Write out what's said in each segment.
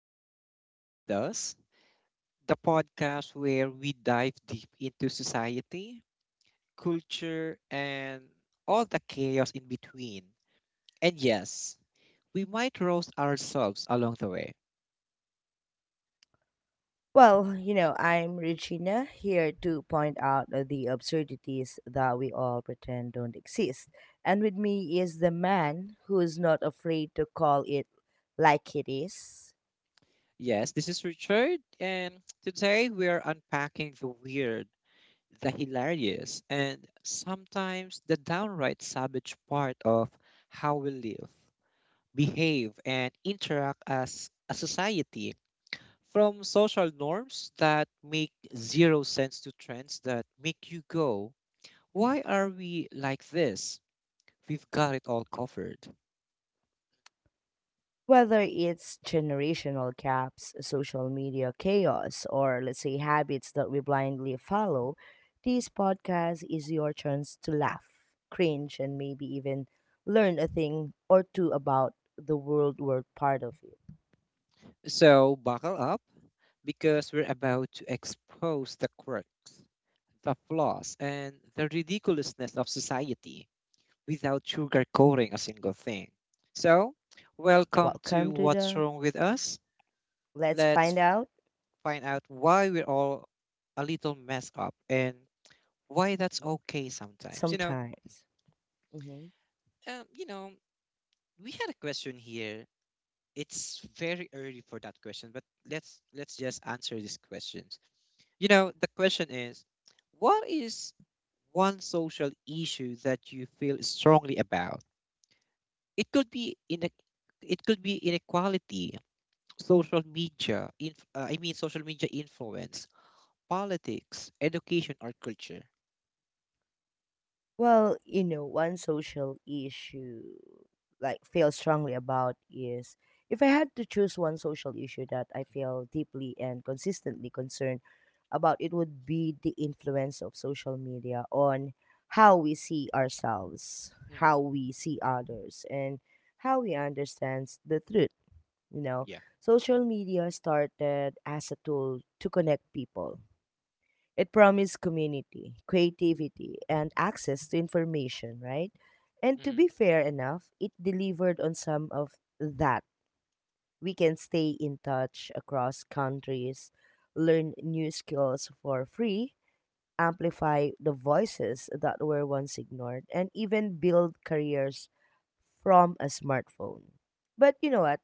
What's Wrong with Us, the podcast where we dive deep into society, culture, and all the chaos in between. And yes, we might roast ourselves along the way. I'm Regina here to point out the absurdities that we all pretend don't exist. And with me is the man who's not afraid to call it like it is. Yes, this is Richard, and today we are unpacking the weird, the hilarious, and sometimes the downright savage part of how we live, behave, and interact as a society, from social norms that make zero sense to trends that make you go, why are we like this? We've got it all covered. Whether it's generational gaps, social media chaos, or let's say habits that we blindly follow, this podcast is your chance to laugh, cringe, and maybe even learn a thing or two about the world we're part of. So buckle up because we're about to expose the quirks, the flaws, and the ridiculousness of society without sugarcoating a single thing. So, welcome to Welcome to What's the Wrong with Us. Let's Let's find out find out why we're all a little messed up and why that's wh- okay sometimes. Sometimes. hmm um, you know, we had a question here. It's very early for that question, but let's just answer this question. The question is, what is one social issue that you feel strongly about? It could be in it could be inequality, social media, I mean social media influence, politics, education or culture. Well, you know, one social issue like feel strongly about is If I had to choose one social issue that I feel deeply and consistently concerned about, it would be the influence of social media on how we see ourselves, Mm-hmm. how we see others, and how we understand the truth. You know, Yeah. social media started as a tool to connect people. It promised community, creativity, and access to information, right? And to Mm-hmm. be fair enough, it delivered on some of that. We can stay in touch across countries, learn new skills for free, amplify the voices that were once ignored, and even build careers from a smartphone. But you know what?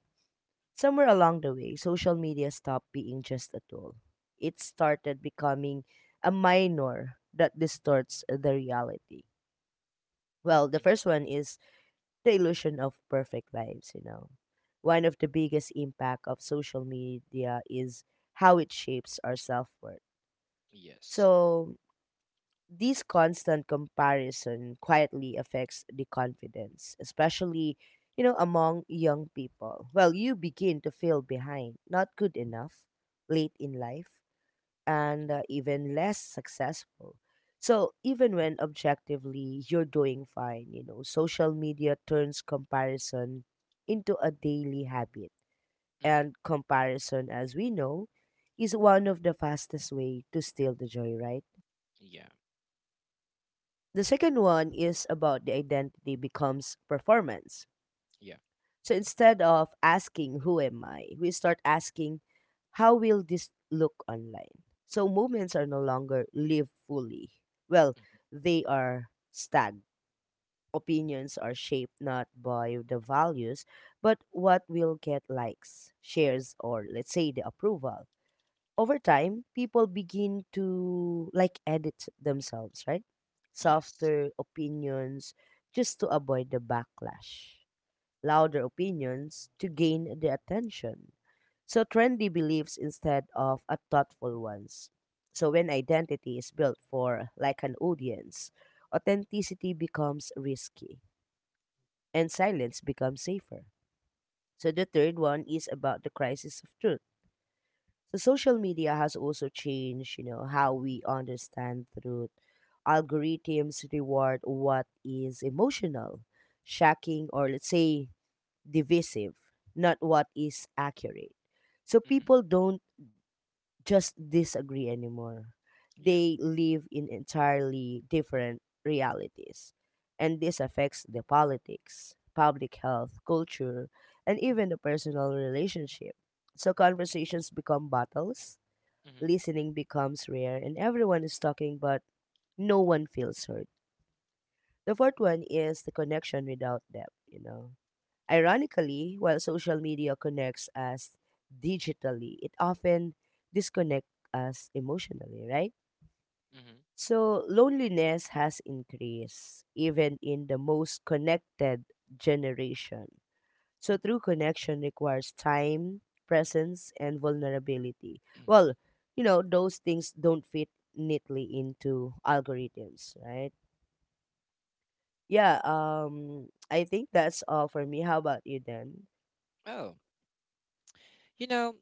Somewhere along the way, social media stopped being just a tool. It started becoming a minor that distorts the reality. Well, the Mm-hmm. first one is the illusion of perfect lives, One of the biggest impact of social media is how it shapes our self-worth. Yes. So, this constant comparison quietly affects the confidence, especially, you know, among young people. Well, you begin to feel behind, not good enough, late in life, and Mm-hmm. even less successful. So, even when objectively you're doing fine, you know, social media turns comparison into a daily habit. Mm-hmm. And comparison, as we know, is one of the fastest way to steal the joy, right? Yeah. The second one is about the identity becomes performance. Yeah. So instead of asking who am I, we start asking how will this look online? So moments are no longer lived fully. Well, Mm-hmm. they are stagged. Opinions are shaped not by the values, but what will get likes, shares, or let's say the approval over time, people begin to like edit themselves, right? Yes. Softer opinions just to avoid the backlash, louder opinions to gain the attention. So, trendy beliefs instead of a thoughtful ones. So, when identity is built for like an audience, authenticity becomes risky and silence becomes safer. So, the third one is about the crisis of truth. So social media has also changed, you know, how we understand truth. Algorithms reward what is emotional, shocking, or let's say divisive, not what is accurate. So Mm-hmm. people don't just disagree anymore. Yeah. They live in entirely different realities. And this affects the politics, public health, culture, and even the personal relationship. So conversations become battles, Mm-hmm. listening becomes rare, and everyone is talking but no one feels heard. The fourth one is the connection without depth, Ironically, while social media connects us digitally, it often disconnects us emotionally, right? Mm-hmm. So loneliness has increased even in the most connected generation. So true connection requires time, presence, and vulnerability. Well, those things don't fit neatly into algorithms, right? Yeah, I think that's all for me. How about you then? Oh. You know,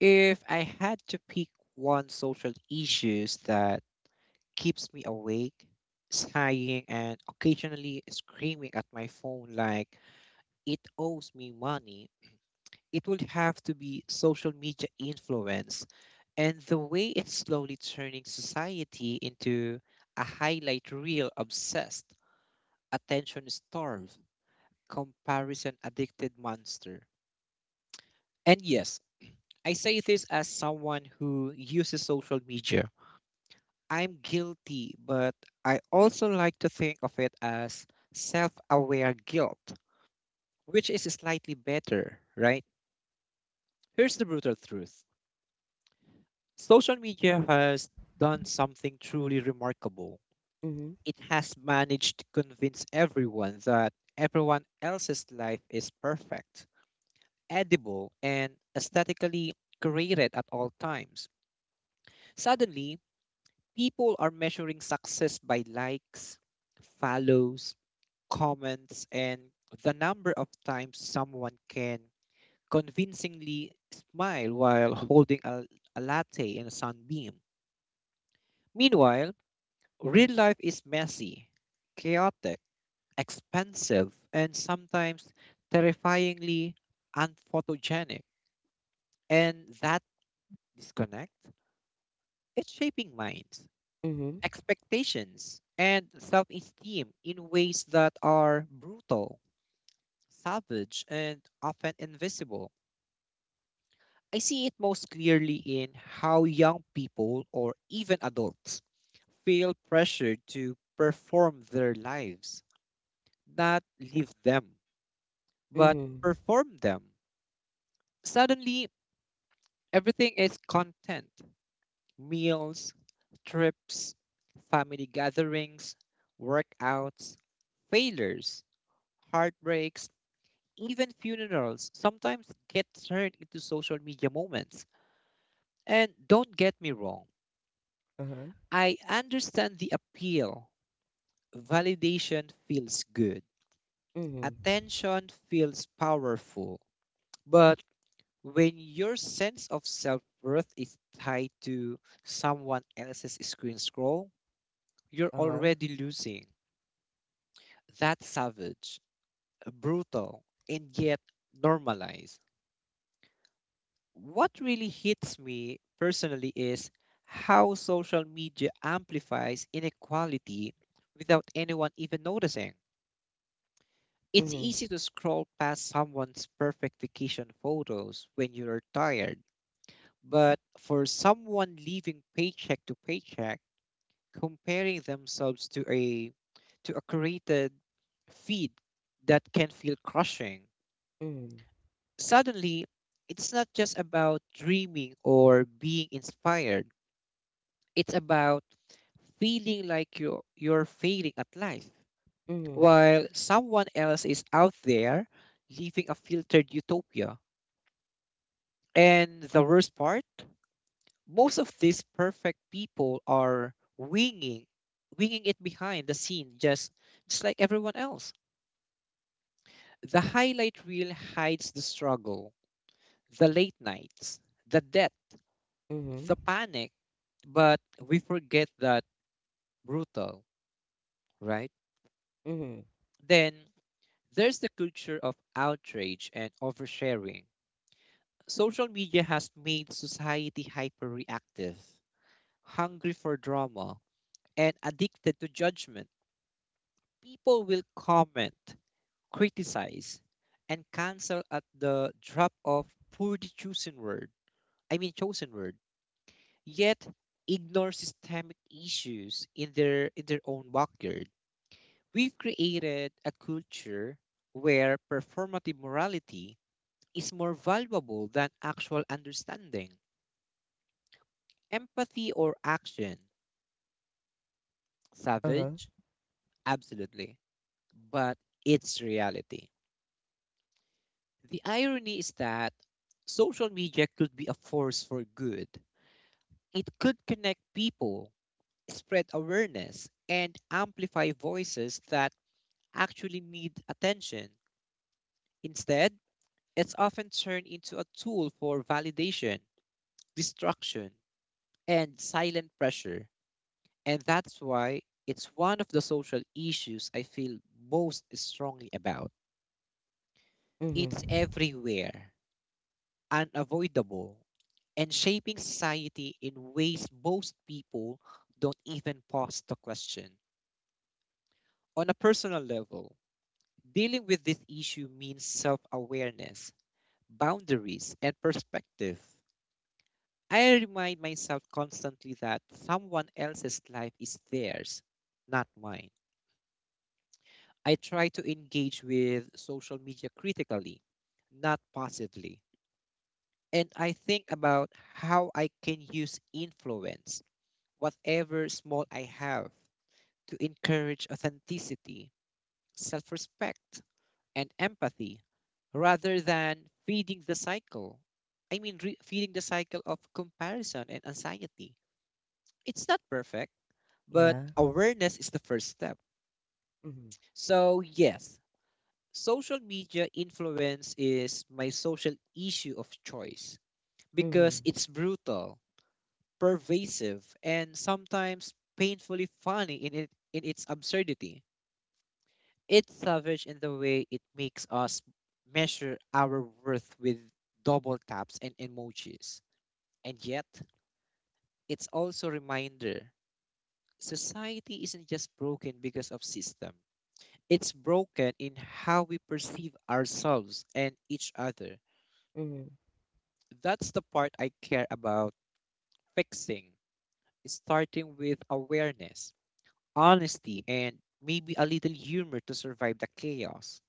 If I had to pick one social issues that keeps me awake, sighing and occasionally screaming at my phone like it owes me money, it would have to be social media influence and the way it's slowly turning society into a highlight reel obsessed, attention starved, comparison addicted monster. And yes, I say this as someone who uses social media. I'm guilty, but I also like to think of it as self aware guilt, which is slightly better, right? Here's the brutal truth. Social media has done something truly remarkable. Mhm. It has managed to convince everyone that everyone else's life is perfect, edible, and aesthetically created at all times. Suddenly, people are measuring success by likes, follows, comments, and the number of times someone can convincingly smile while holding a latte in a sunbeam. Meanwhile, real life is messy, chaotic, expensive, and sometimes terrifyingly unphotogenic. And that disconnect is shaping minds, Mhm. expectations, and self esteem in ways that are brutal, savage, and often invisible. I see it most clearly in how young people or even adults feel pressured to perform their lives, not live them, but Mhm. perform them. Suddenly, everything is content: meals, trips, family gatherings, workouts, failures, heartbreaks, even funerals sometimes get turned into social media moments. And don't get me wrong, Uh-huh. I understand the appeal. Validation feels good. Mhm. Attention feels powerful. But when your sense of self worth is tied to someone else's screen scroll, you're Uh-huh. already losing. That's savage, brutal, and yet normalized. What really hits me personally is how social media amplifies inequality without anyone even noticing. It's Mhm. easy to scroll past someone's perfect vacation photos when you're tired, but for someone living paycheck to paycheck, comparing themselves to a curated feed, that can feel crushing. Mhm. Suddenly, it's not just about dreaming or being inspired. It's about feeling like you're failing at life, Mhm. while someone else is out there living a filtered utopia. And the worst part, most of these perfect people are winging it behind the scene, just like everyone else. The highlight reel hides the struggle, the late nights, the debt, Mhm. the panic, but we forget that. Brutal, right? Mhm. Then there's the culture of outrage and oversharing. Social media has made society hyperreactive, hungry for drama, and addicted to judgment. People will comment, criticize, and cancel at the drop of poorly chosen word. I mean chosen word. Yet ignore systemic issues in their own backyard. We've created a culture where performative morality is more valuable than actual understanding, empathy or action. Uh-huh. Savage? Absolutely. But it's reality. The irony is that social media could be a force for good. It could connect people, spread awareness, and amplify voices that actually need attention. Instead, it's often turned into a tool for validation, destruction, and silent pressure. And that's why it's one of the social issues I feel most strongly about. Mhm. It's everywhere, unavoidable, and shaping society in ways most people don't even pause to question. On a personal level, dealing with this issue means self awareness, boundaries, and perspective. I remind myself constantly that someone else's life is theirs, not mine. I try to engage with social media critically, not passively. And I think about how I can use influence, whatever small I have, to encourage authenticity, self respect, and empathy rather than feeding the cycle. I mean, feeding the cycle of comparison and anxiety. It's not perfect, but Yeah. awareness is the first step. Mhm. So, yes, social media influence is my social issue of choice because Mhm. it's brutal, pervasive, and sometimes painfully funny in its absurdity. It's savage in the way it makes us measure our worth with double taps and emojis. And yet, it's also a reminder: society isn't just broken because of system. It's broken in how we perceive ourselves and each other. Mhm. That's the part I care about fixing, starting with awareness, honesty, and maybe a little humor to survive the chaos.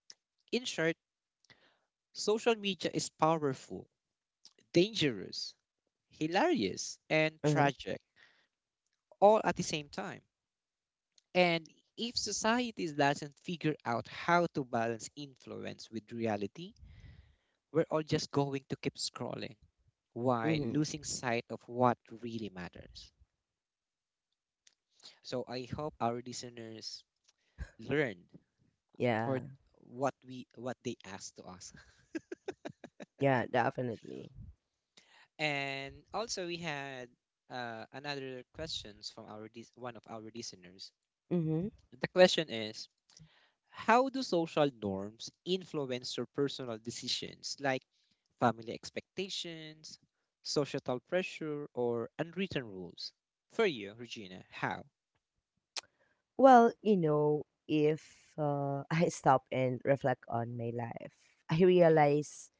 In short, social media is powerful, dangerous, hilarious, and Uh-huh. tragic all at the same time. And if society doesn't figure out how to balance influence with reality, we're all just going to keep scrolling while Mhm. losing sight of what really matters. So I hope our listeners learned for Yeah. what they asked to us. Yeah, definitely. And also we had another questions from one of our listeners. Mhm. The question is, how do social norms influence your personal decisions, like family expectations, societal pressure, or unwritten rules? For you, Regina, how? Well, you know, if I stop and reflect on my life, I Mm-hmm. realize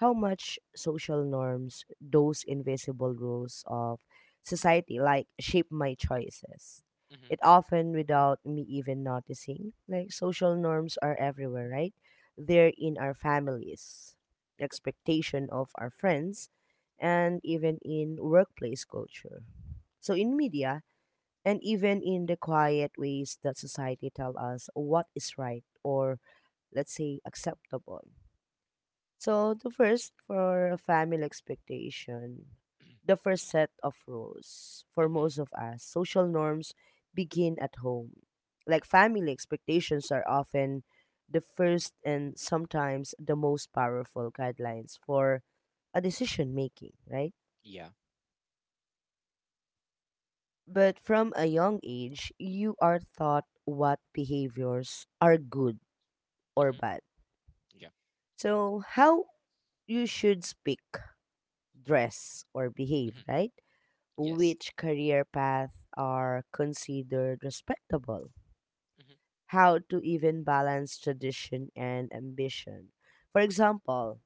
how much social norms, those invisible rules of society, like shape my choices. It often without me even noticing. Like social norms are everywhere, right? They're in our families, expectation of our friends, and even in workplace culture. So in media, and even in the quiet ways that society tell us what is right or let's say acceptable. So the first for family expectation, Mm-hmm. the first set of rules for most Mm-hmm. of us social norms begin at home. Like family expectations are often the first and sometimes the most powerful guidelines for a decision making, right? Yeah. But from a young age, you are taught what behaviors are good or Mm-hmm. bad. Yeah. So, how you should speak, dress, or behave, Mm-hmm. right? Yes. Which career path are considered respectable? Mm-hmm. How to even balance tradition and ambition? For example,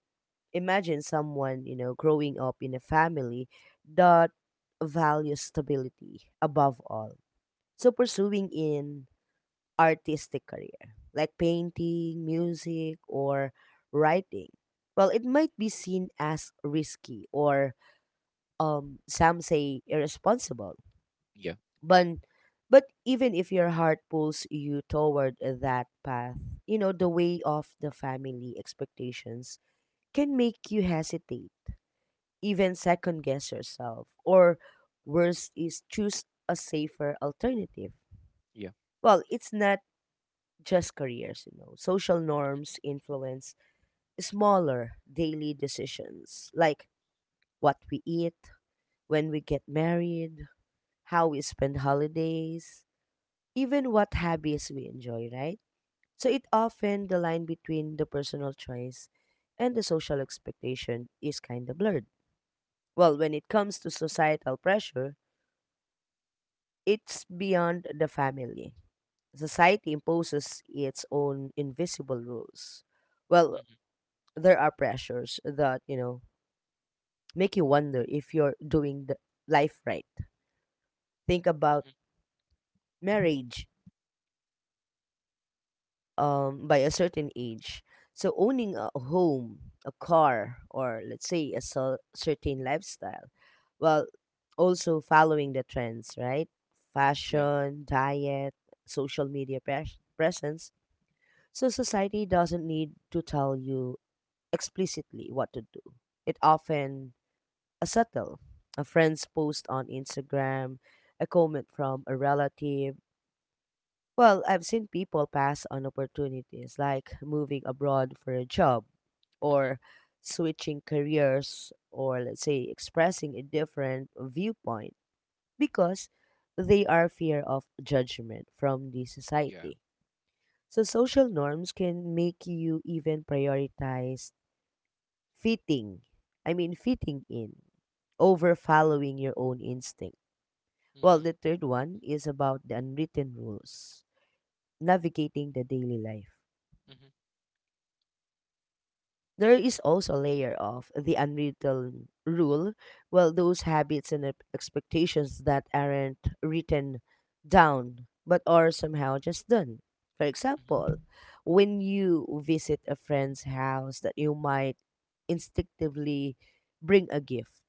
imagine someone, you know, growing up in a family that values stability above all. So, pursuing in artistic career, like painting, music, or writing, well, it might be seen as risky or some say irresponsible. Yeah. But, but even if your heart pulls you toward that path, you know, the weight of the family expectations can make you hesitate, even second guess yourself, or worse is choose a safer alternative. Yeah. Well, it's not just careers, you know. Social norms influence smaller daily decisions like what we eat, when we get married, how we spend holidays, even what hobbies we enjoy, right? So it often the line between the personal choice and the social expectation is kind of blurred. Well, when it comes to societal pressure, it's beyond the family. Society imposes its own invisible rules. Well, Mm-hmm. there are pressures that you know make you wonder if you're doing the life right. Think about Mm-hmm. marriage by a certain age, so owning a home, a car, or let's say a certain lifestyle. Well, also following the trends, right? Yeah. Fashion, diet, social media presence. So society doesn't need to tell you explicitly what to do. It often a subtle, a friend's post on Instagram, a comment from a relative. Well, I've seen people pass on opportunities like moving abroad for a job, Mm-hmm. or switching careers, or let's say expressing a different viewpoint because they are fear of judgment from the Yeah. society. So social norms can make you even prioritize fitting. I mean fitting in over following your own instinct. Well, the Mm-hmm. third one is about the unwritten rules, navigating the daily life. Mm-hmm. There is also a layer of the unwritten rule, well, those habits and expectations that aren't written down but are somehow just done. For Mm-hmm. example, when you visit a friend's house, that you might instinctively bring a gift,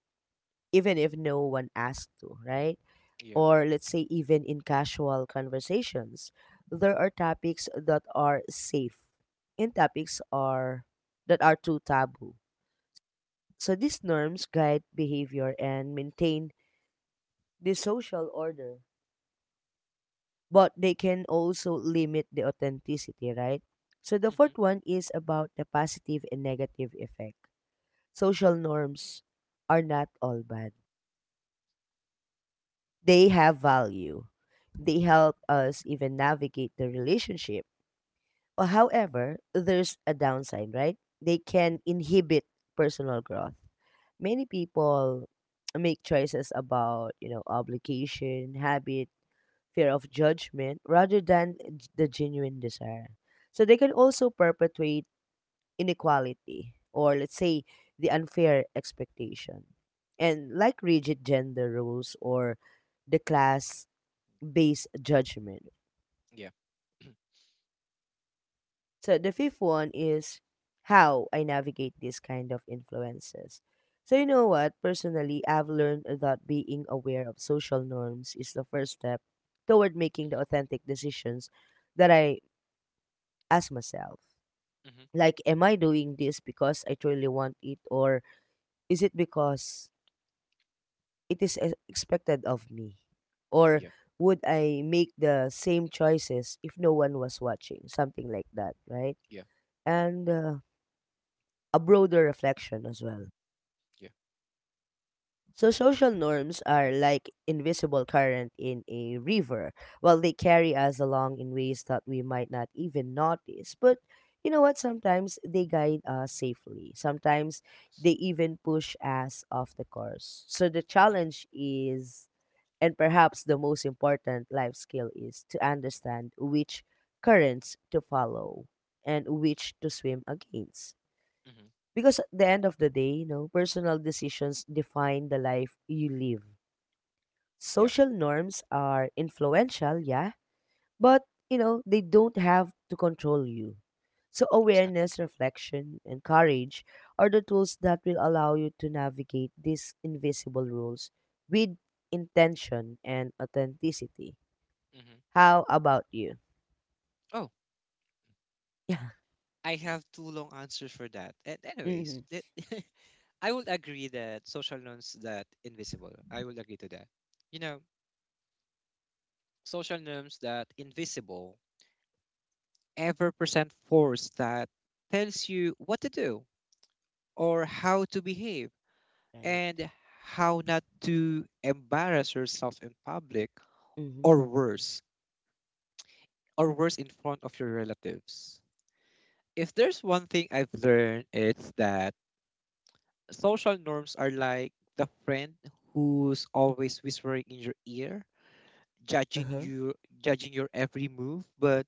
even if no one asked to, right? Yeah. Or let's say even in casual conversations, there are topics that are safe and topics are that are too taboo. So these norms guide behavior and maintain the social order, but they can also limit the authenticity, right? So the Mm-hmm. fourth one is about the positive and negative effect. Social norms are not all bad. They have value. They help us even navigate the relationship. Well, however, there's a downside, right? They can inhibit personal growth. Many people make choices about, you know, obligation, habit, fear of judgment rather than the genuine desire. So they can also perpetuate inequality or let's say the unfair expectation. And like rigid gender rules or the class based judgment. Yeah. So the fifth one is how I navigate these kind of influences. So you know what? Personally, I've learned that being aware of social norms is the first step toward making the Mm-hmm. authentic decisions that I ask myself. Mm-hmm. Like, am I doing this because I truly want it, or is it because it is expected of me? Or Yeah. would I make the same choices if no one was watching? Something like that, right? Yeah. And a broader reflection as well. Yeah. So social norms are like invisible current in a river, while they carry us along in ways that we might not even notice. But you know what? Sometimes they guide us safely. Sometimes they even push us off the course. So the Mm-hmm. challenge is, and perhaps the most important life skill is to understand which currents to follow and which to swim against. Mm-hmm. Because at the end of the day, you know, personal decisions define the life you live. Yeah. Social norms are influential, yeah, but you know, they don't have to control you. So Exactly. awareness, reflection, and courage are the tools that will allow you to navigate these invisible rules with intention and authenticity. Mm-hmm. How about you? Yeah. I have two long answers for that. And anyways, hmm that. I would agree that social norms that invisible. I will agree to that. You know, social norms that invisible ever present force that tells you what to do or how to behave Right. and how not to embarrass yourself in public, Mm-hmm. or worse, or worse, in front of your relatives. If there's one thing I've learned, it's that social norms are like the friend who's always whispering in your ear, judging Uh-huh. you, judging your every move, but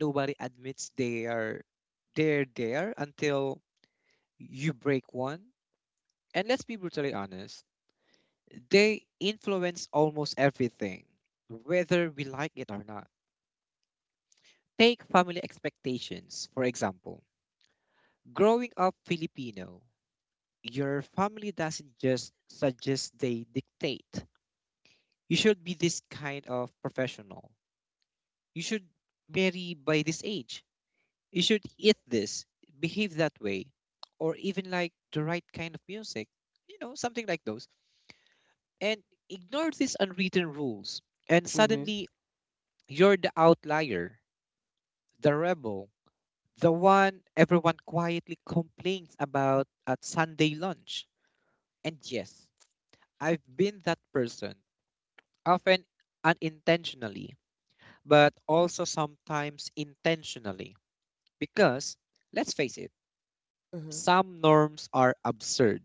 nobody admits they're there until you break one. And let's be brutally honest, they influence almost everything, whether we like it or not. Take family expectations, for example. Growing up Filipino, your family doesn't just suggest, they dictate. You should be this kind of professional. You should marry by this age. You should eat this, behave that way, or even like the right kind of music, something like those. And ignore these unwritten rules. And Mhm. suddenly, you're the outlier, the rebel, the one everyone quietly complains about at Sunday lunch. And yes, I've been that person, often unintentionally, but also sometimes intentionally. Because, let's face it, Uh-huh. some norms are absurd.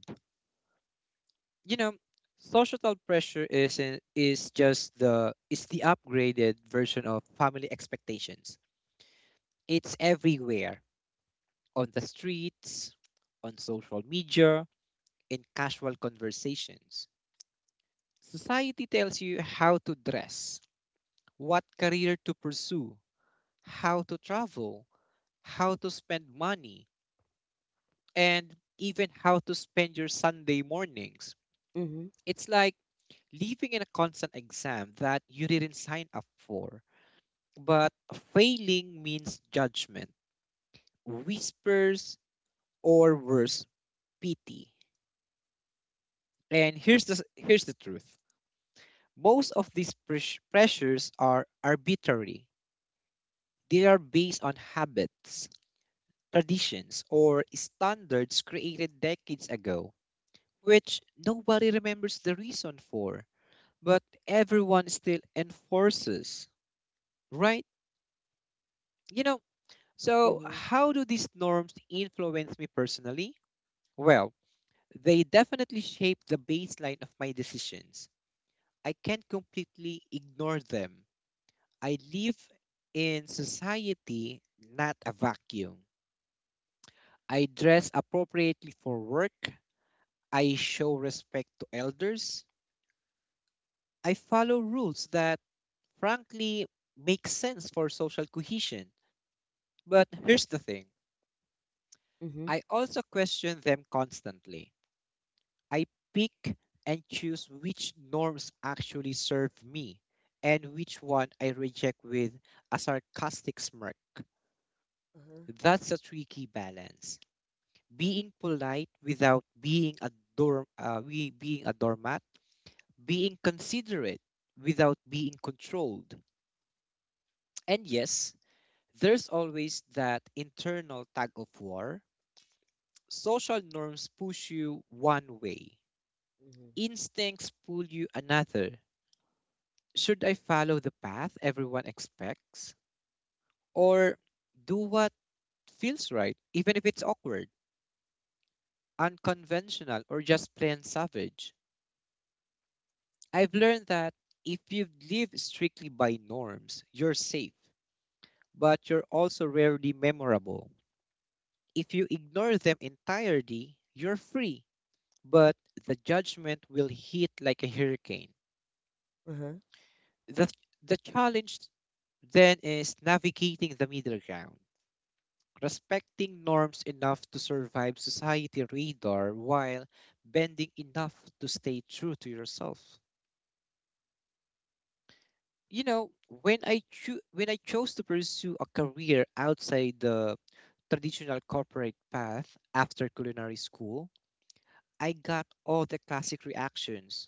You know, societal pressure is, in- is just the, is the upgraded version of family expectations. It's everywhere, on the streets, on social media, in casual conversations. Society tells you how to dress, what career to pursue, how to travel, how to spend money, and even how to spend your Sunday mornings. Mhm. It's like living in a constant exam that you didn't sign up for. But failing means judgment, whispers, or worse, pity. And here's the truth. Most of these pressures are arbitrary. They are based on habits, traditions, or standards created decades ago, which nobody remembers the reason for, but everyone still enforces, right? You know, so Mhm. how do these norms influence me personally? Well, they definitely shape the baseline of my decisions. I can't completely ignore them. I live in society, not a vacuum. I dress appropriately for work. I show respect to elders. I follow rules that, frankly, make sense for social cohesion. But here's the thing: Mhm. I also question them constantly. I pick and choose which norms actually serve me and which one I reject with a sarcastic smirk. Uh-huh. That's a tricky balance. Being polite without being a doormat, being considerate without being controlled. And yes, there's always that internal tug of war. Social norms push you one way, Mhm. instincts pull you another. Should I follow the path everyone expects or do what feels right, even if it's awkward, unconventional, or just plain savage? I've learned that if you live strictly by norms, you're safe, but you're also rarely memorable. If you ignore them entirely, you're free, but the judgment will hit like a hurricane. Uh-huh. The, the challenge then is navigating the middle ground, respecting norms enough to survive society radar while bending enough to stay true to yourself. You know, when when I chose to pursue a career outside the traditional corporate path after culinary school, I got all the classic reactions.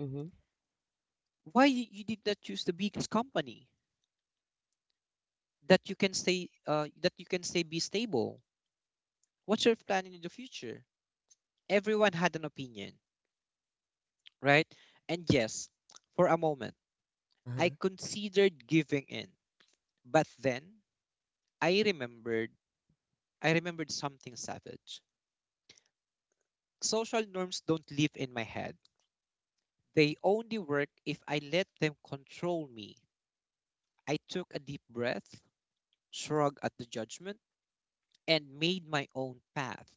Mhm. Why you did not choose the biggest company that you can stay that you can say be stable? What's your plan in the future? Everyone had an opinion, right? And yes, for a moment. I Uh-huh. considered giving in, but then I remembered I remembered something savage. Social norms don't live in my head. They only work if I let them control me. I took a deep breath, shrugged at the judgment, and made my own path.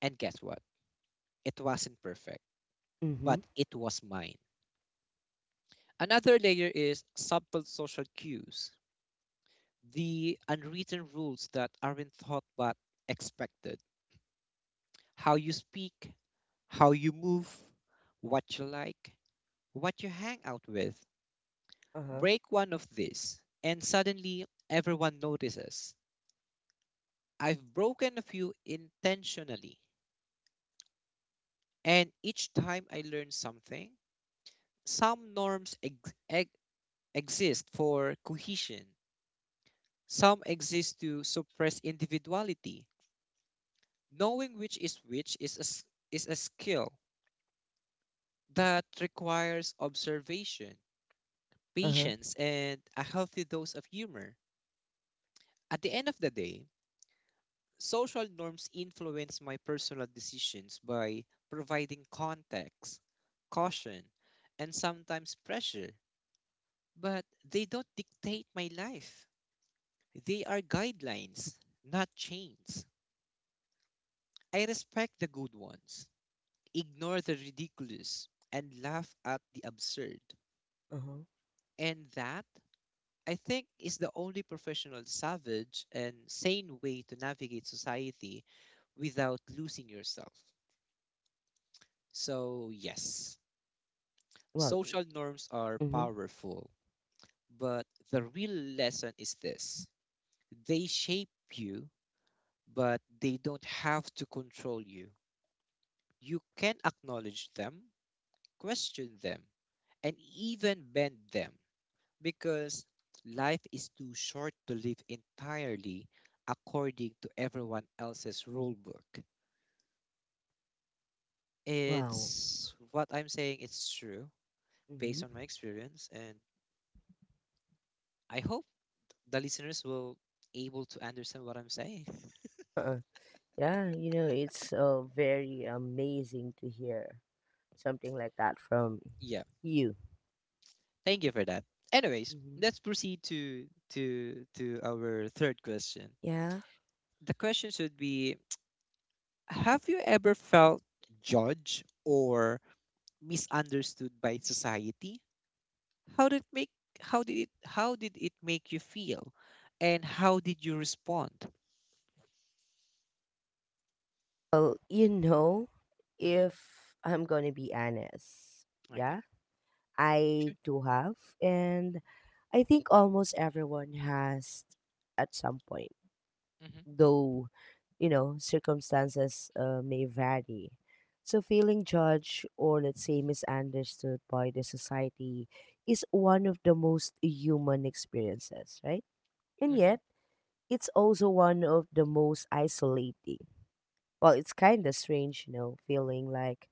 And guess what? It wasn't perfect, but Mhm. it was mine. Another layer is subtle social cues, the unwritten rules that aren't thought but expected: how you speak, how you move, what you like, what you hang out with. Uh-huh. Break one of these, and suddenly everyone notices. I've broken a few intentionally, and each time I learn something. Some norms exist for cohesion, some exist to suppress individuality. Knowing which is which is a skill that requires observation, Uh-huh. patience, and a healthy dose of humor. At the end of the day, social norms influence my personal decisions by providing context, caution, and sometimes pressure, but they don't dictate my life. They are guidelines, not chains. I respect the good ones, ignore the ridiculous, and laugh at the absurd. Uh-huh. And that, I think, is the only professional, savage, and sane way to navigate society without losing yourself. So, yes, Well, social norms are mm-hmm. powerful, but the real lesson is this: they shape you, but they don't have to control you. You can acknowledge them, question them, and even bend them, because life is too short to live entirely according to everyone else's rule book. Wow. It's what I'm saying, it's true Mm-hmm. based on my experience, and I hope the listeners will able to understand what I'm saying. Uh-uh. Yeah, you know, it's very amazing to hear something like that from Yeah. you. Thank you for that. Anyways, Mm-hmm. let's proceed to our third question. Yeah. The question should be: have you ever felt judged or misunderstood by society? How did make how did it make you feel? And how did you respond? Well, you know, Hmm. if I'm going to be honest, Okay. yeah, I Sure. do have, and I think almost everyone has at some point, Mm-hmm. though, you know, circumstances may vary. So, feeling judged or, let's say, misunderstood by the society is one of the most human experiences, right? And Mm-hmm. yet, it's also one of the most isolating. Well, it's kind of strange, you know, feeling like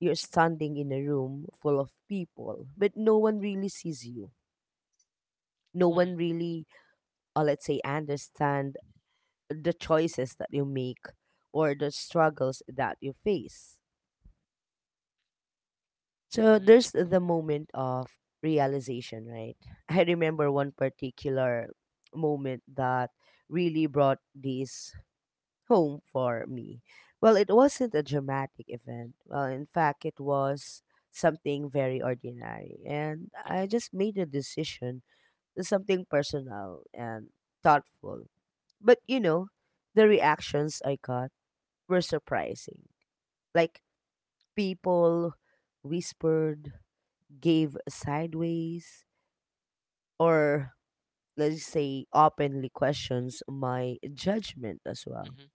you're standing in a room full of people, but no one really sees you, no Mm-hmm. one really let's say understand the choices that you make or the struggles that you face. So there's the moment of realization, right? I remember one particular moment that really brought this home for me. Well, it wasn't a dramatic event. Well, in fact, it was something very ordinary, and Mm-hmm. I just made a decision, something personal and thoughtful. But you know, the reactions I got were surprising. Like, people whispered, gave sideways, or, let's say, openly questions my judgment as well. Mm-hmm.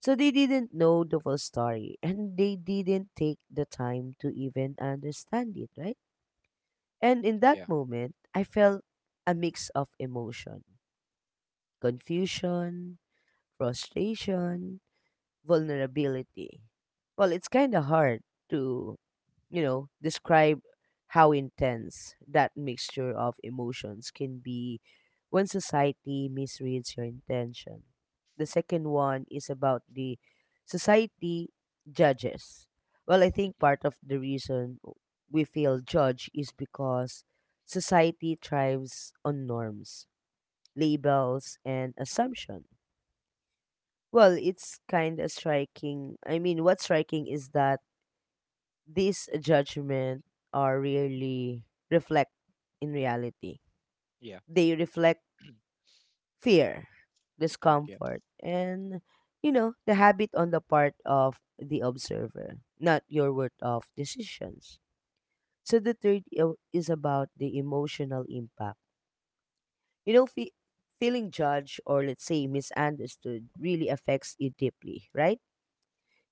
So they didn't know the full story and they didn't take the time to even understand it, right? And in that Yeah. moment, I felt a mix of emotion, confusion, frustration, vulnerability. Well, it's kind of hard to, you know, describe how intense that mixture of emotions can be when society misreads your intention. The second one is about the society judges. Well, I think part of the reason we feel judged is because society thrives on norms, labels, and assumptions. Well, it's kind of striking. I mean, what's striking is that these judgments are really reflect in reality. Yeah. They reflect fear, Okay. discomfort, and you know, the habit on the part of the observer, not your word of decisions. So the third is about the emotional impact. You know, feeling judged or, let's say, misunderstood really affects you deeply, right?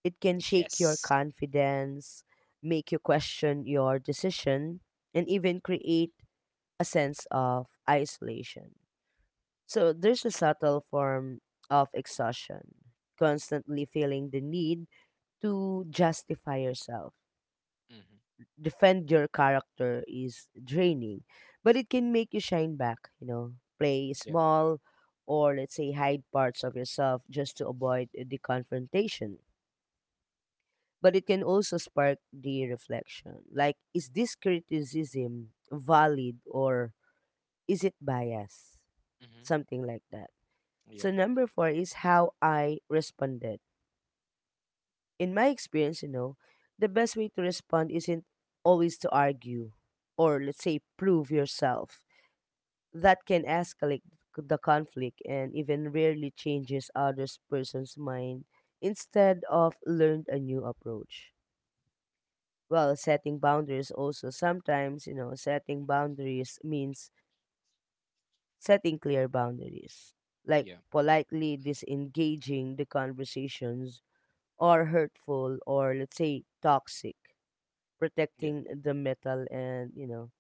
It can shake your Yes. confidence, make you question your decision, and even create a sense of isolation. So there's a subtle form of exhaustion, constantly feeling the need to justify yourself. Mm-hmm. Defend your character is draining, but it can make you shine back, you know, play Yeah. small, or, let's say, hide parts of yourself just to avoid the confrontation. But it can also spark the reflection. Like, is this criticism valid or is it biased? Mm-hmm. Something like that. Yeah. So, number four is how I responded. In my experience, you know, the best way to respond isn't always to argue or, let's say, prove yourself. That can escalate the conflict and even rarely changes other person's mind instead of learned a new approach. Well, setting boundaries also sometimes, you know, setting boundaries means setting clear boundaries, like Yeah. politely disengaging the conversations or hurtful or, let's say, toxic. Yeah. Protecting the mental and, you know,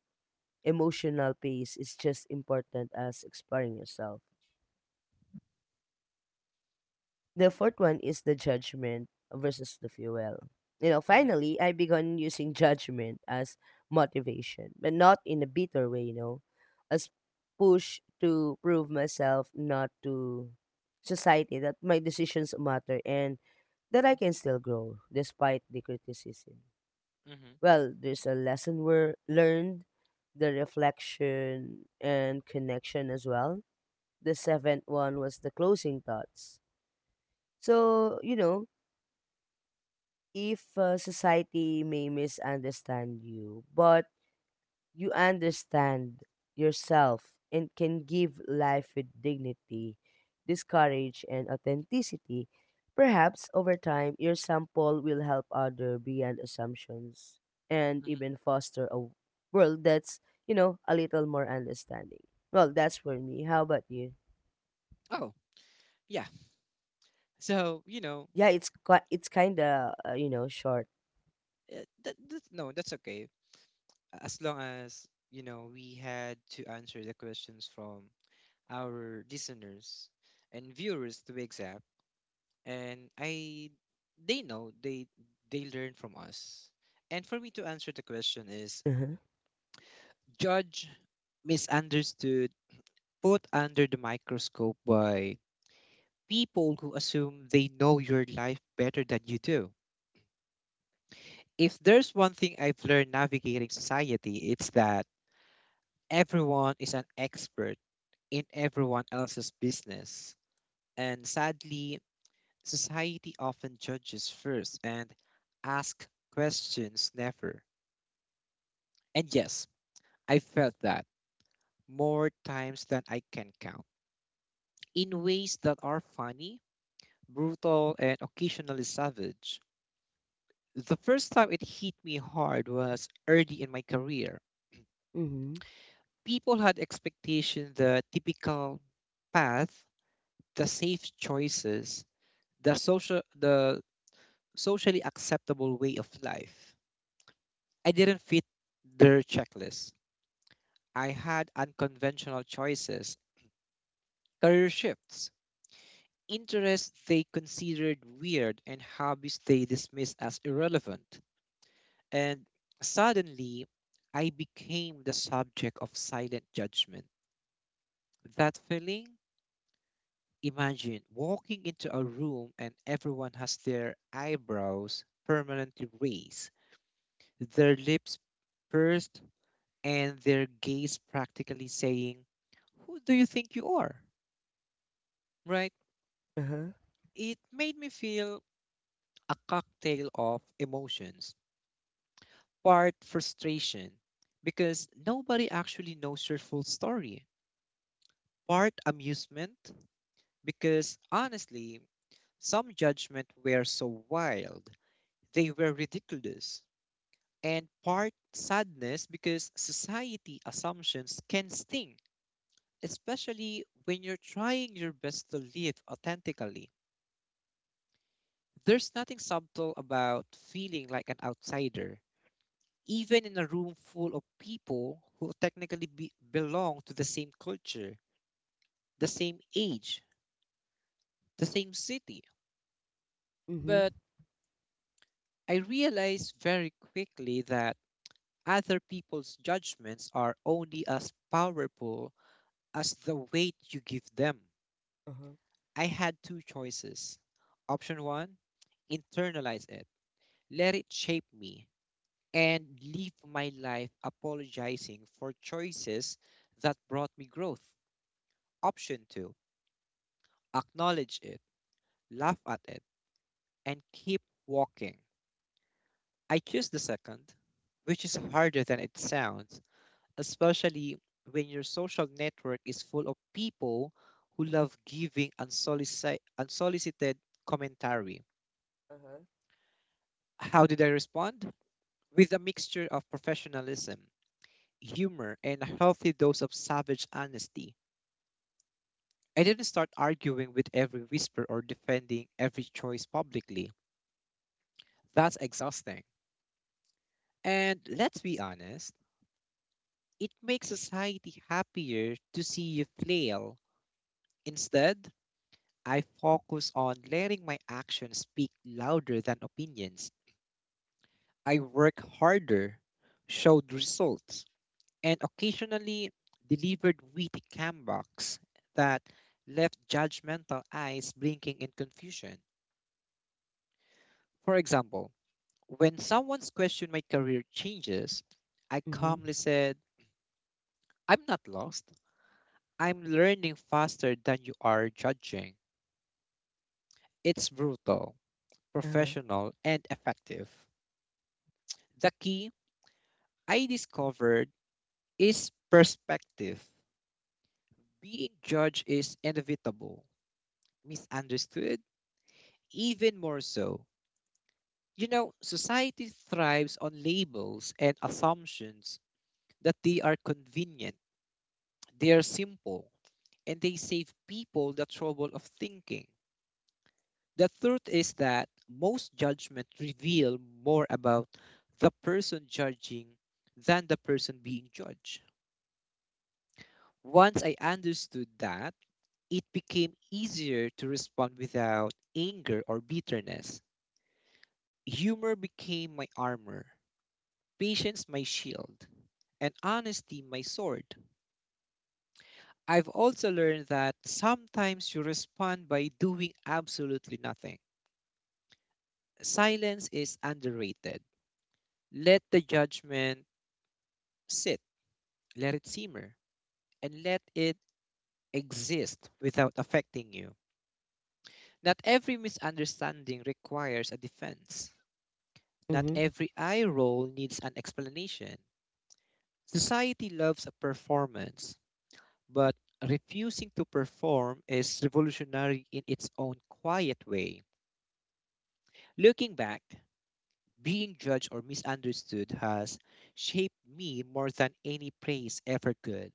emotional peace is just important as exploring yourself. The fourth one is the judgment versus the fuel. You know, Mm-hmm. finally, I began using judgment as motivation, but not in a bitter way, you know, as push to prove myself, not to society, that my decisions matter and that I can still grow despite the criticism. Mm-hmm. Well, there's a lesson we learned, the reflection and connection as well. The seventh one was the closing thoughts. So, you know, if society may misunderstand you, but you understand yourself and can give life with dignity, discourage, and authenticity. Perhaps over time, your sample will help other beyond assumptions and even Hmm. foster a world that's, you know, a little more understanding. Well, that's for me. How about you? Oh, yeah. So, you know, Yeah, it's quite, it's kind of you know, short. No, that's okay. As long as, we had to answer the questions from our listeners and viewers, to be exact. And they know, they learn from us. And for me, to answer the question is: Uh-huh. judge, misunderstood, put under the microscope by people who assume they know your life better than you do. If there's one thing I've learned navigating society, it's that everyone is an expert in everyone else's business. And sadly, society often judges first and asks questions never. And yes, I felt that more times than I can count, in ways that are funny, brutal, and occasionally savage. The first time it hit me hard was early in my career. Mhm. People had expectation: the typical path, the safe choices, the socially acceptable way of life. I didn't fit their checklist. I had unconventional choices, career shifts, interests they considered weird, and hobbies they dismissed as irrelevant. And suddenly, I became the subject of silent judgment. That feeling? Imagine walking into a room and everyone has their eyebrows permanently raised, their lips pursed, and their gaze practically saying, "Who do you think you are?" Right? Uh-huh. It made me feel a cocktail of emotions. Part frustration, because nobody actually knows your full story. Part amusement, because honestly, some judgment were so wild, they were ridiculous. And part sadness, because society assumptions can sting, especially when you're trying your best to live authentically. There's nothing subtle about feeling like an outsider, even in a room full of people who technically belong to the same culture, the same age, the same city. Mhm. But I realized very quickly that other people's judgments are only as powerful as the weight you give them. Uh-huh. I had two choices. Option one: internalize it, let it shape me, and live my life apologizing for choices that brought me growth. Option two: acknowledge it, laugh at it, and keep walking. I choose the second, which is harder than it sounds, especially when your social network is full of people who love giving unsolicited commentary. Uh-huh. How did I respond? With a mixture of professionalism, humor, and a healthy dose of savage honesty. I didn't start arguing with every whisper or defending every choice publicly. That's exhausting. And let's be honest, it makes society happier to see you flail. Instead, I focus on letting my actions speak louder than opinions. I work harder, showed results, and occasionally delivered witty comebacks that left judgmental eyes blinking in confusion. For example, when someone's questioned my career changes, I Mhm. calmly said, "I'm not lost. I'm learning faster than you are judging." It's brutal, Uh-huh. professional, and effective. The key I discovered is perspective. Being judged is inevitable; misunderstood, even more so. You know, society thrives on labels and assumptions. That they are convenient, they are simple, and they save people the trouble of thinking. The truth is that most judgments reveal more about the person judging than the person being judged. Once I understood that, it became easier to respond without anger or bitterness. Humor became my armor, patience my shield, and honesty my sword. I've also learned that sometimes you respond by doing absolutely nothing. Silence is underrated. Let the judgment sit, let it simmer, and let it exist without affecting you. Not every misunderstanding requires a defense. Not Mhm. every eye roll needs an explanation. Society loves a performance, but refusing to perform is revolutionary in its own quiet way. Looking back, being judged or misunderstood has shaped me more than any praise ever could.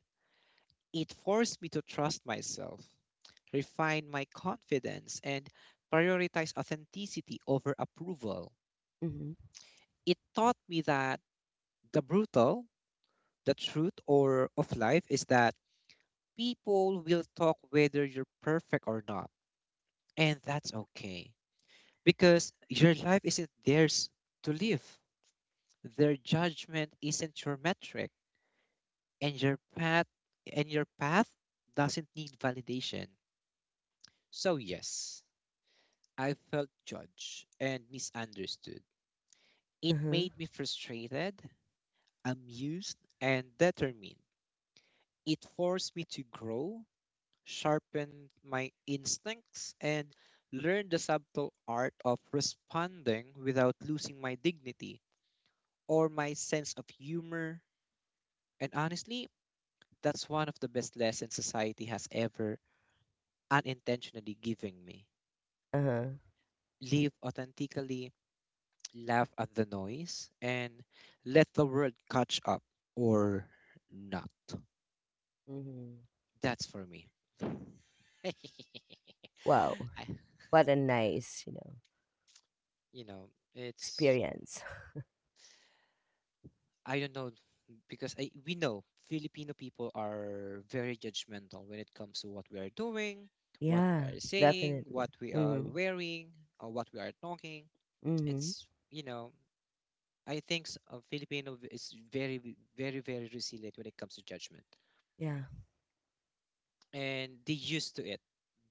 It forced me to trust myself, refine my confidence, and prioritize authenticity over approval. Mhm. It taught me that the brutal the truth or of life is that people will talk whether you're perfect or not, and that's okay, because your life isn't theirs to live. Their judgment isn't your metric, and your path doesn't need validation. So yes, I felt judged and misunderstood. It Uh-huh. made me frustrated, amused, and determined. It forced me to grow, sharpened my instincts, and learned the subtle art of responding without losing my dignity or my sense of humor. And honestly, that's one of the best lessons society has ever unintentionally given me. Uh-huh. Live authentically, laugh at the noise, and let the world catch up, or not. Mhm. That's for me. I, Wow. What a nice, you know, you know, it's experience. I don't know, because I we know Filipino people are very judgmental when it comes to what we are doing, what we Yeah, are saying, definitely. what we are Mhm. wearing, or what we are talking. Mhm. It's, I think, Filipino is very very resilient when it comes to judgment, Yeah. and they used to it.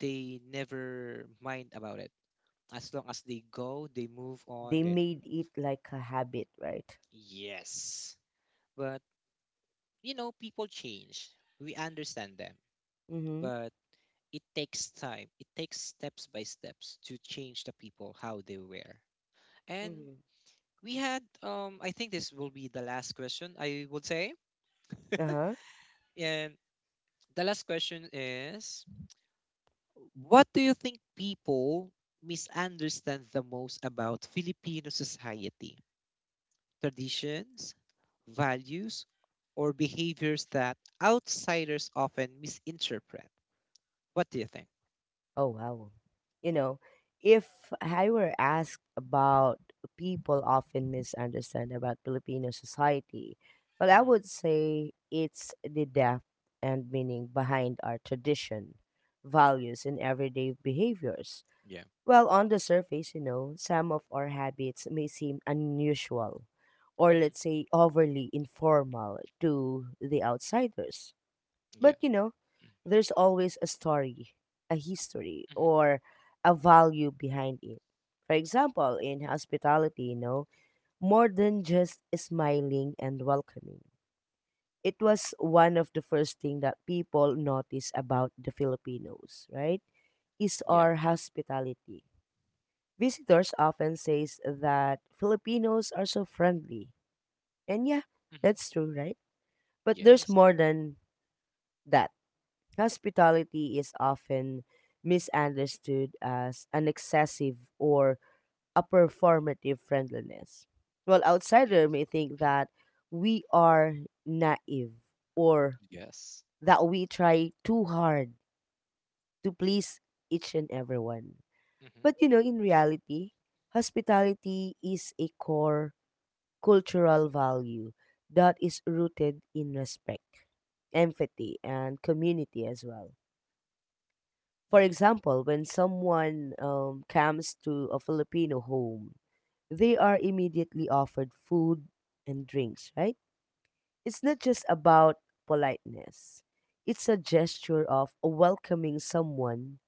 They never mind about it. As long as they go, they move on. They Then made it like a habit, right? yes, but you know, people change. We understand them, Mhm. but it takes time. It takes steps by steps to change the people how they wear. And Mhm. we had, I think, this will be the last question, I would say. Uh-huh. And the last question is: what do you think people misunderstand the most about Filipino society? Traditions, values, or behaviors that outsiders often misinterpret? What do you think? Oh, wow. You know, if I were asked about people often misunderstand about Filipino society, well, I Hmm. would say it's the depth and meaning behind our tradition, values, and everyday behaviors. Yeah. Well, on the surface, you know, some of our habits may seem unusual or, Hmm. let's say, overly informal to the outsiders. Yeah. But you know, there's always a story, a history, Hmm. or a value behind it. For example, in hospitality, you know, more than just smiling and welcoming. It was one of the first thing that people notice about the Filipinos, right? Is Yeah. our hospitality. Visitors often says that Filipinos are so friendly. And yeah, that's true, right? But there's Yes. more than that. Hospitality is often misunderstood as an excessive or a performative friendliness. Well, outsider may Yes. think that we are naive or Yes. that we try too hard to please each and everyone. Mm-hmm. But you know, in reality, hospitality is a core cultural value that is rooted in respect, empathy, and community as well. For Mm-hmm. example, when someone comes to a Filipino home, they are immediately offered food and drinks, right? It's not just about politeness, it's a gesture of welcoming someone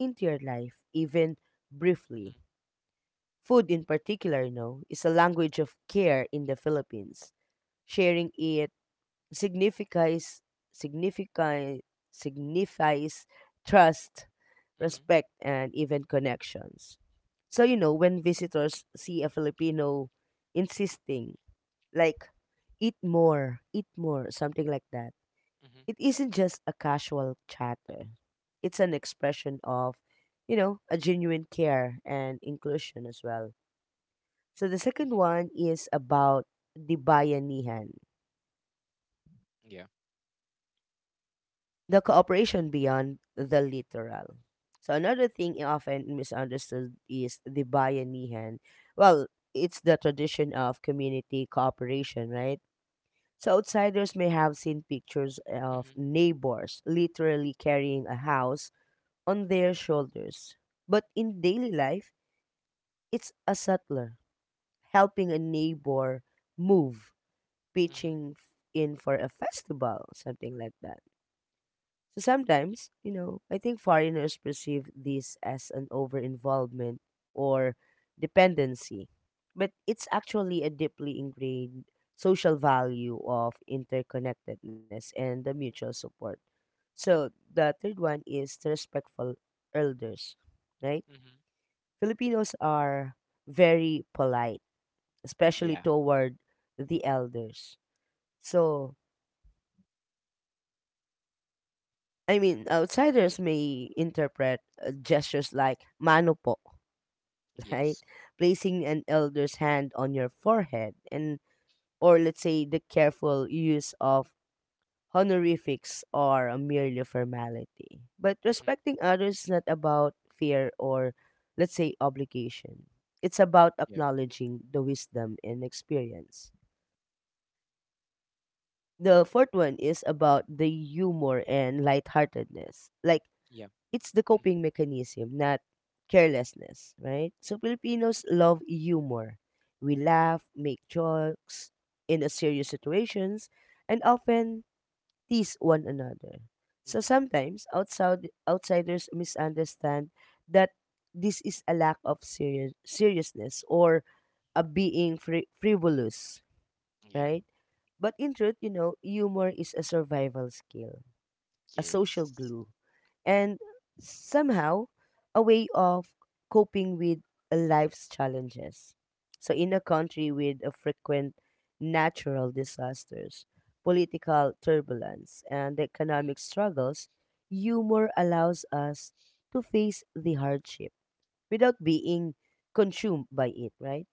into your life, even briefly. Mm-hmm. Food, in particular, you know, is a language of care in the Philippines. Sharing it signifies, significa, signifies trust, Mm-hmm. respect, and even connections. So you know, when visitors see a Filipino insisting like, eat more, something like that. Mm-hmm. It isn't just a casual chatter. It's an expression of, you know, a genuine care and inclusion as well. So the second Mm-hmm. one is about the bayanihan, Yeah. the cooperation beyond the literal. So another thing often misunderstood is the bayanihan. Well, it's the tradition of community cooperation, right? So outsiders may have seen pictures of Mm-hmm. neighbors literally carrying a house on their shoulders. But in daily life, it's a settler helping a neighbor move, Mm-hmm. pitching in for a festival, something like that. So sometimes, you know, I think foreigners perceive this as an over involvement or dependency, but it's actually a deeply ingrained social value of interconnectedness and the mutual support. So the third one is the respectful elders, right? Mm-hmm. Filipinos are very polite, especially Yeah. toward the elders. So I mean, outsiders may interpret gestures like mano po, right? Yes. Placing an elder's hand on your forehead and or, let's say, the careful use of honorifics are a merely formality. But Mm-hmm. respecting others is not about fear or, let's say, obligation. It's about Yeah. acknowledging the wisdom and experience. The fourth one is about the humor and lightheartedness. Like, Yeah. it's the coping mechanism, not carelessness, right? So Filipinos love humor. We laugh, make jokes in a serious situations, and often tease one another. So Mm-hmm. sometimes outsiders misunderstand that this is a lack of serious seriousness or a being frivolous, Yeah. right? But in truth, you know, humor is a survival skill, a social Yes. glue, and somehow a way of coping with life's challenges. So, in a country with a frequent natural disasters, political turbulence, and Mm-hmm. economic struggles, humor allows us to face the hardship without being consumed by it, right?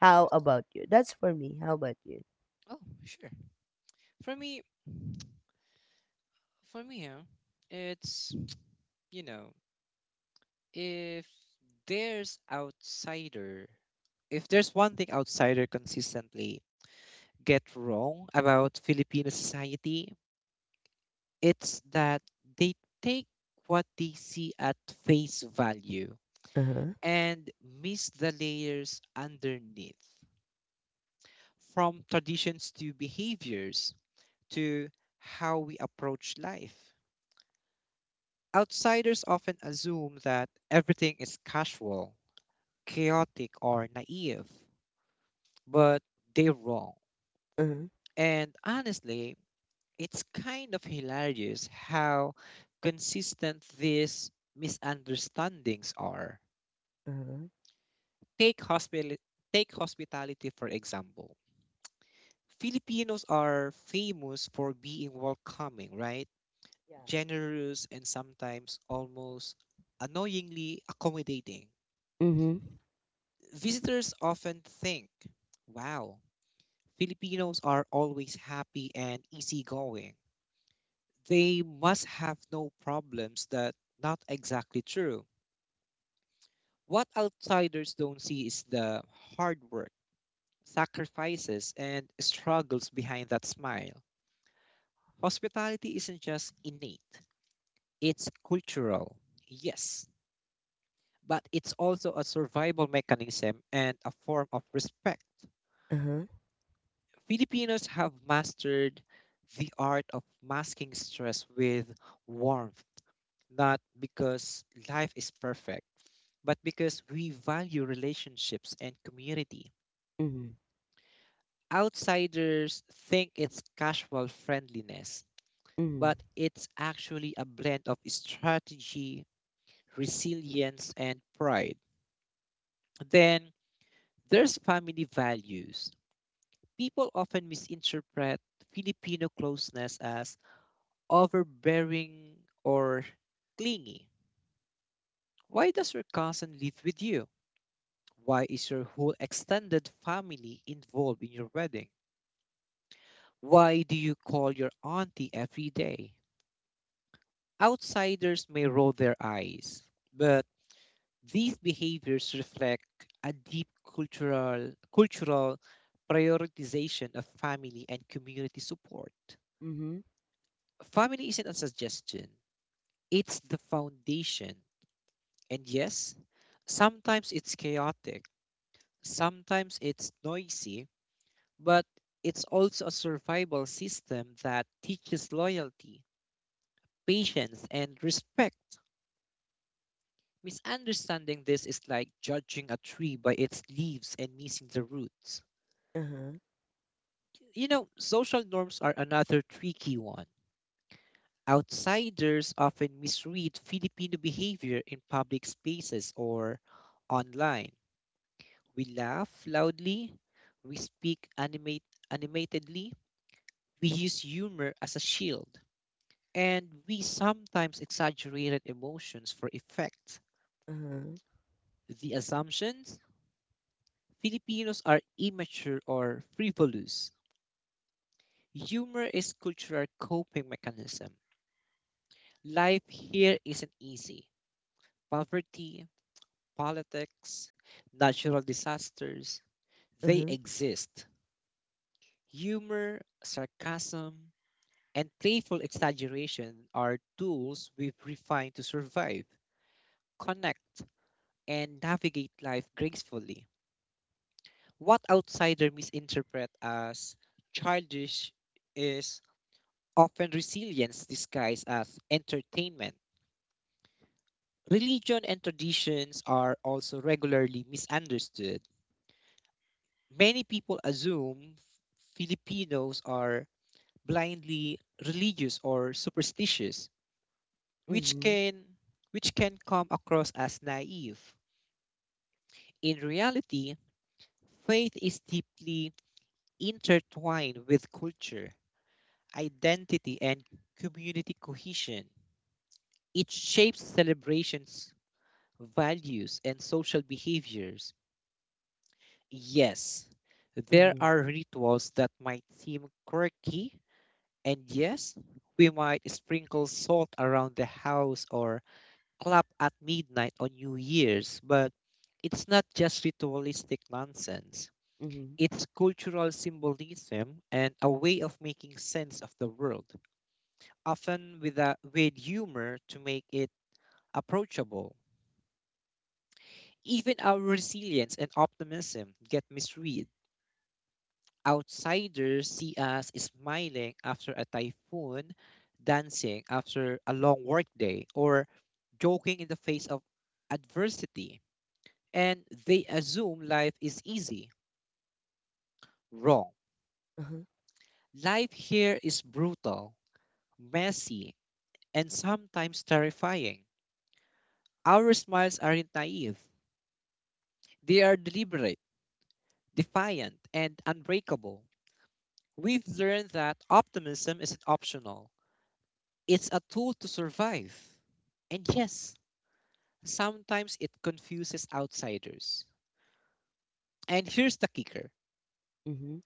How Yes. about you? That's for me. How about you? Oh, sure. For me, for me, huh? It's, you know, if there's outsider, if there's one thing outsider consistently get wrong about Filipino society, it's that they take what they see at face value Uh huh. and miss the layers underneath, from traditions to behaviors to how we approach life. Outsiders often assume that everything is casual, chaotic, or naive, but they're wrong. Uh huh. And honestly, it's kind of hilarious how consistent these misunderstandings are. Uh huh. Take hospital Take hospitality, for example. Filipinos are famous for being welcoming, right? Yeah. Generous and sometimes almost annoyingly accommodating. Mm hmm. Visitors often think, "Wow, Filipinos are always happy and easygoing. They must have no problems." That not exactly true. What outsiders don't see is the hard work, sacrifices, and struggles behind that smile. Hospitality isn't just innate, it's cultural, yes, but it's also a survival mechanism and a form of respect. Uh huh. Filipinos have mastered the art of masking stress with warmth, not because life is perfect, but because we value relationships and community. Mm hmm. Outsiders think it's casual friendliness, Mm but it's actually a blend of strategy, resilience, and pride. Then there's family values. People often misinterpret Filipino closeness as overbearing or clingy. Why does your cousin live with you? Why is your whole extended family involved in your wedding? Why do you call your auntie every day? Outsiders may roll their eyes, but these behaviors reflect a deep cultural prioritization of family and community support. hmm. Mm hmm. Family isn't a suggestion, it's the foundation. And yes, sometimes it's chaotic, sometimes it's noisy, but it's also a survival system that teaches loyalty, patience, and respect. Misunderstanding this is like judging a tree by its leaves and missing the roots. Uh huh. You know, social norms are another tricky one. Outsiders often misread Filipino behavior in public spaces or online. We laugh loudly, we animatedly, we use humor as a shield, and we sometimes exaggerate emotions for effect. Uh-huh. The assumptions: Filipinos are immature or frivolous. Humor is cultural coping mechanism. Life here isn't easy. Poverty, politics, natural disasters, they Uh-huh. exist. Humor, sarcasm, and playful exaggeration are tools we've refined to survive, connect, and navigate life gracefully. What outsiders misinterpret as childish is often resilience disguised as entertainment. Religion and traditions are also regularly misunderstood. Many people assume Filipinos are blindly religious or superstitious, which Mhm. can which can come across as naive. In reality, faith is deeply intertwined with culture, identity, and community cohesion. It shapes celebrations, values, and social behaviors. Yes, there Mhm. are rituals that might seem quirky. And yes, we might sprinkle salt around the house or clap at midnight on New Year's, but it's not just ritualistic nonsense. Mhm. It's cultural symbolism and a way of making sense of the world, often with humor to make it approachable. Even our resilience and optimism get misread. Outsiders see us smiling after a typhoon, dancing after a long workday, or joking in the face of adversity. And they assume life is easy. Wrong. Uh-huh. Life here is brutal, messy, and sometimes terrifying. Our smiles aren't naive, they are deliberate, defiant, and unbreakable. We've learned that optimism isn't optional, it's a tool to survive. And yes, sometimes it confuses outsiders. And here's the kicker: Mhm.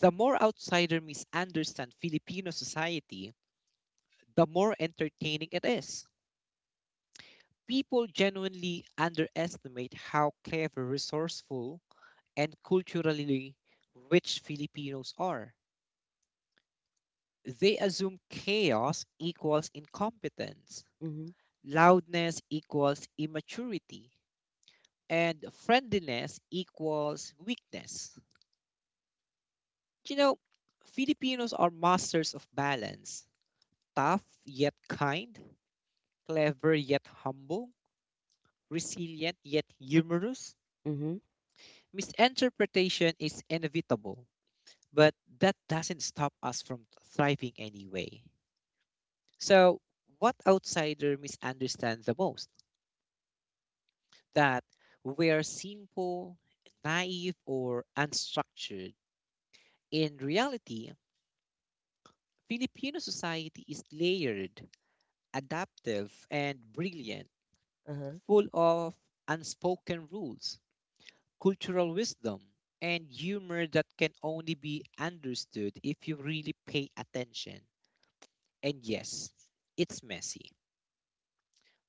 the more outsider misunderstand Filipino society, the more entertaining it is. People genuinely underestimate how clever, resourceful, and culturally rich Filipinos are. They assume chaos equals incompetence, Mhm. loudness equals immaturity, and friendliness equals weakness. You know, Filipinos are masters of balance: tough yet kind, clever yet humble, resilient yet humorous. Mhm. Misinterpretation is inevitable, but that doesn't stop us from thriving anyway. So, what outsider misunderstands the most? That we are simple, naive, or unstructured. In reality, Filipino society is layered, adaptive, and brilliant, Uh-huh. full of unspoken rules, cultural wisdom, and humor that can only be understood if you really pay attention. And yes, it's messy,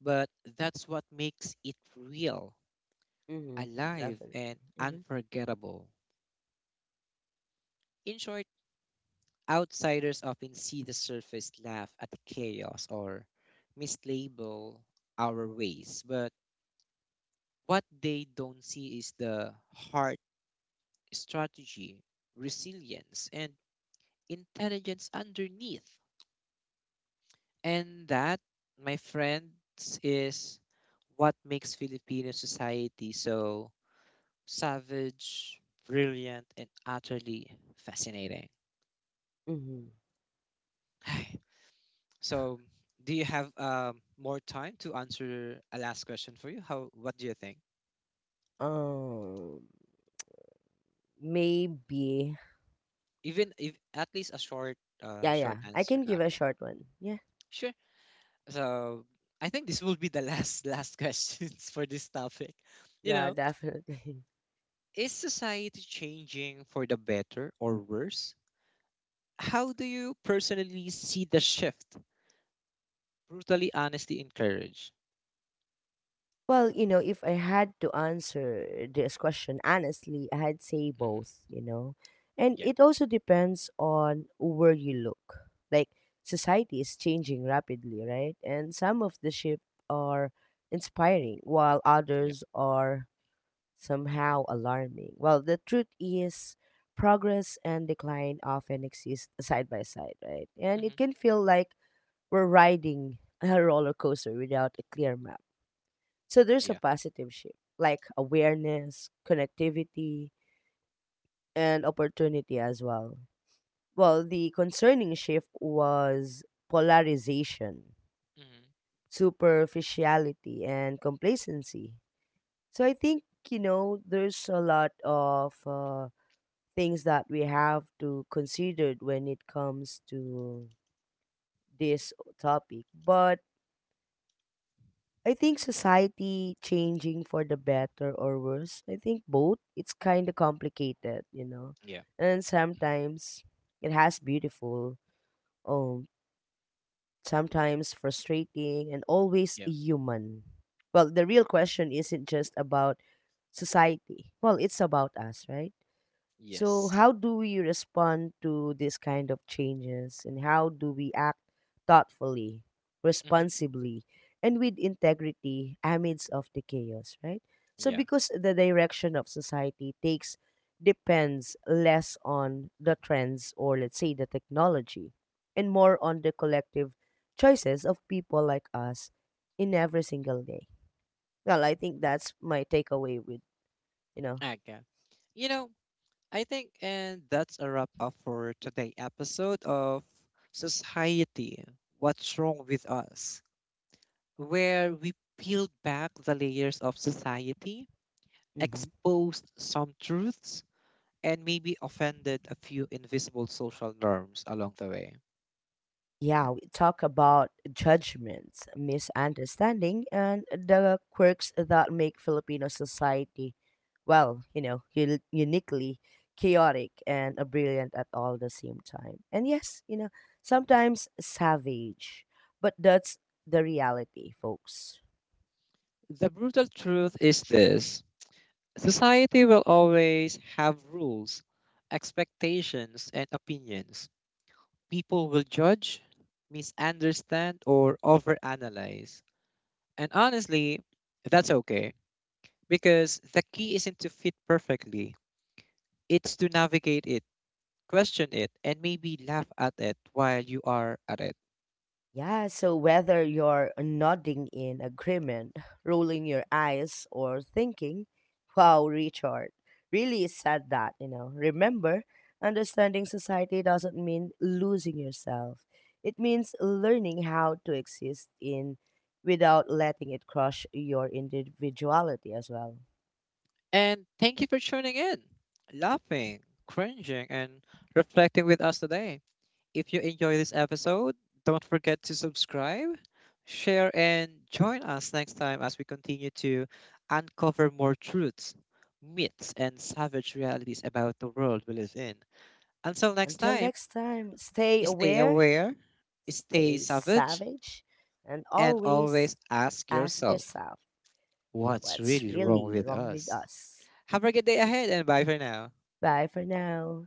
but that's what makes it real, Mhm. alive, Definitely. and Mhm. unforgettable. In short, outsiders often see the surface, laugh at the chaos, or mislabel our ways, but what they don't see is the heart: strategy, resilience, and intelligence underneath. And that, my friends, is what makes Filipino society so savage, brilliant, and utterly fascinating. Mhm. So, do you have more time to answer a last question for you? How? What do you think? Um, maybe. Even if at least a short, Yeah, yeah. short I answer. can give a Okay. short one. Yeah. Sure. So I think this will be the last last questions for this topic. You Yeah, know, definitely. is society changing for the better or worse? How do you personally see the shift? Brutally honesty and courage. Well, you know, if I had to answer this question honestly, I'd say Hmm. both, you know. And Yeah. it also depends on where you look. Like, society is changing rapidly, right? And some of the shifts are inspiring, while Yeah. others are somehow alarming. Well, the truth is, progress and decline often exist side by side, right? And it Hmm. can feel like we're riding a roller coaster without a clear map. So there's a Yeah. positive shift, like awareness, connectivity, and opportunity as well. Well, the concerning shift was polarization, Hmm. superficiality, and complacency. So I think, you know, there's a lot of things that we have to consider when it comes to this topic. But I think society changing for the better or worse. I think both. It's kind of complicated, you know. Yeah. And sometimes it has beautiful, um, sometimes frustrating, and always Yeah. human. Well, the real question isn't just about society. Well, it's about us, right? So, Yes. how do we respond to this kind of changes and how do we act thoughtfully, Hmm. responsibly, and with integrity amidst of the chaos, right? So Yeah. because the direction of society takes depends less on the trends or, let's say, the technology and more on the collective choices of people like us in every single day. Well, I think that's my takeaway with, you know. Okay. You know, I think, and that's a wrap up for today episode of Society. What's wrong with us? Where we peeled back the layers of society, Uh huh. exposed some truths, and maybe offended a few invisible social norms along the way. Yeah, we talk about judgments, misunderstanding, and the quirks that make Filipino society, well, you know, uniquely chaotic and brilliant at all the same time. And yes, you know, sometimes savage, but that's the reality, folks. The brutal truth is this: society will always have rules, expectations, and opinions. People will judge, misunderstand, or overanalyze. And honestly, that's okay, because the key isn't to fit perfectly, it's to navigate it, question it, and maybe laugh at it while you are at it. Yeah, so whether you're nodding in agreement, rolling your eyes, or thinking, wow, Richard really said that, you know. Remember, understanding society doesn't mean losing yourself. It means learning how to exist in without letting it crush your individuality as well. And thank you for tuning in, laughing, cringing, and reflecting with us today. If you enjoy this episode, don't forget to subscribe, share, and join us next time as we continue to uncover more truths, myths, and savage realities about the world we live in. Until next Until time, next time, stay stay aware, aware, stay stay savage, savage, and and always always ask ask yourself: yourself, what's what's really wrong really with wrong with us? us? Have a good day ahead and bye for now. Bye for now.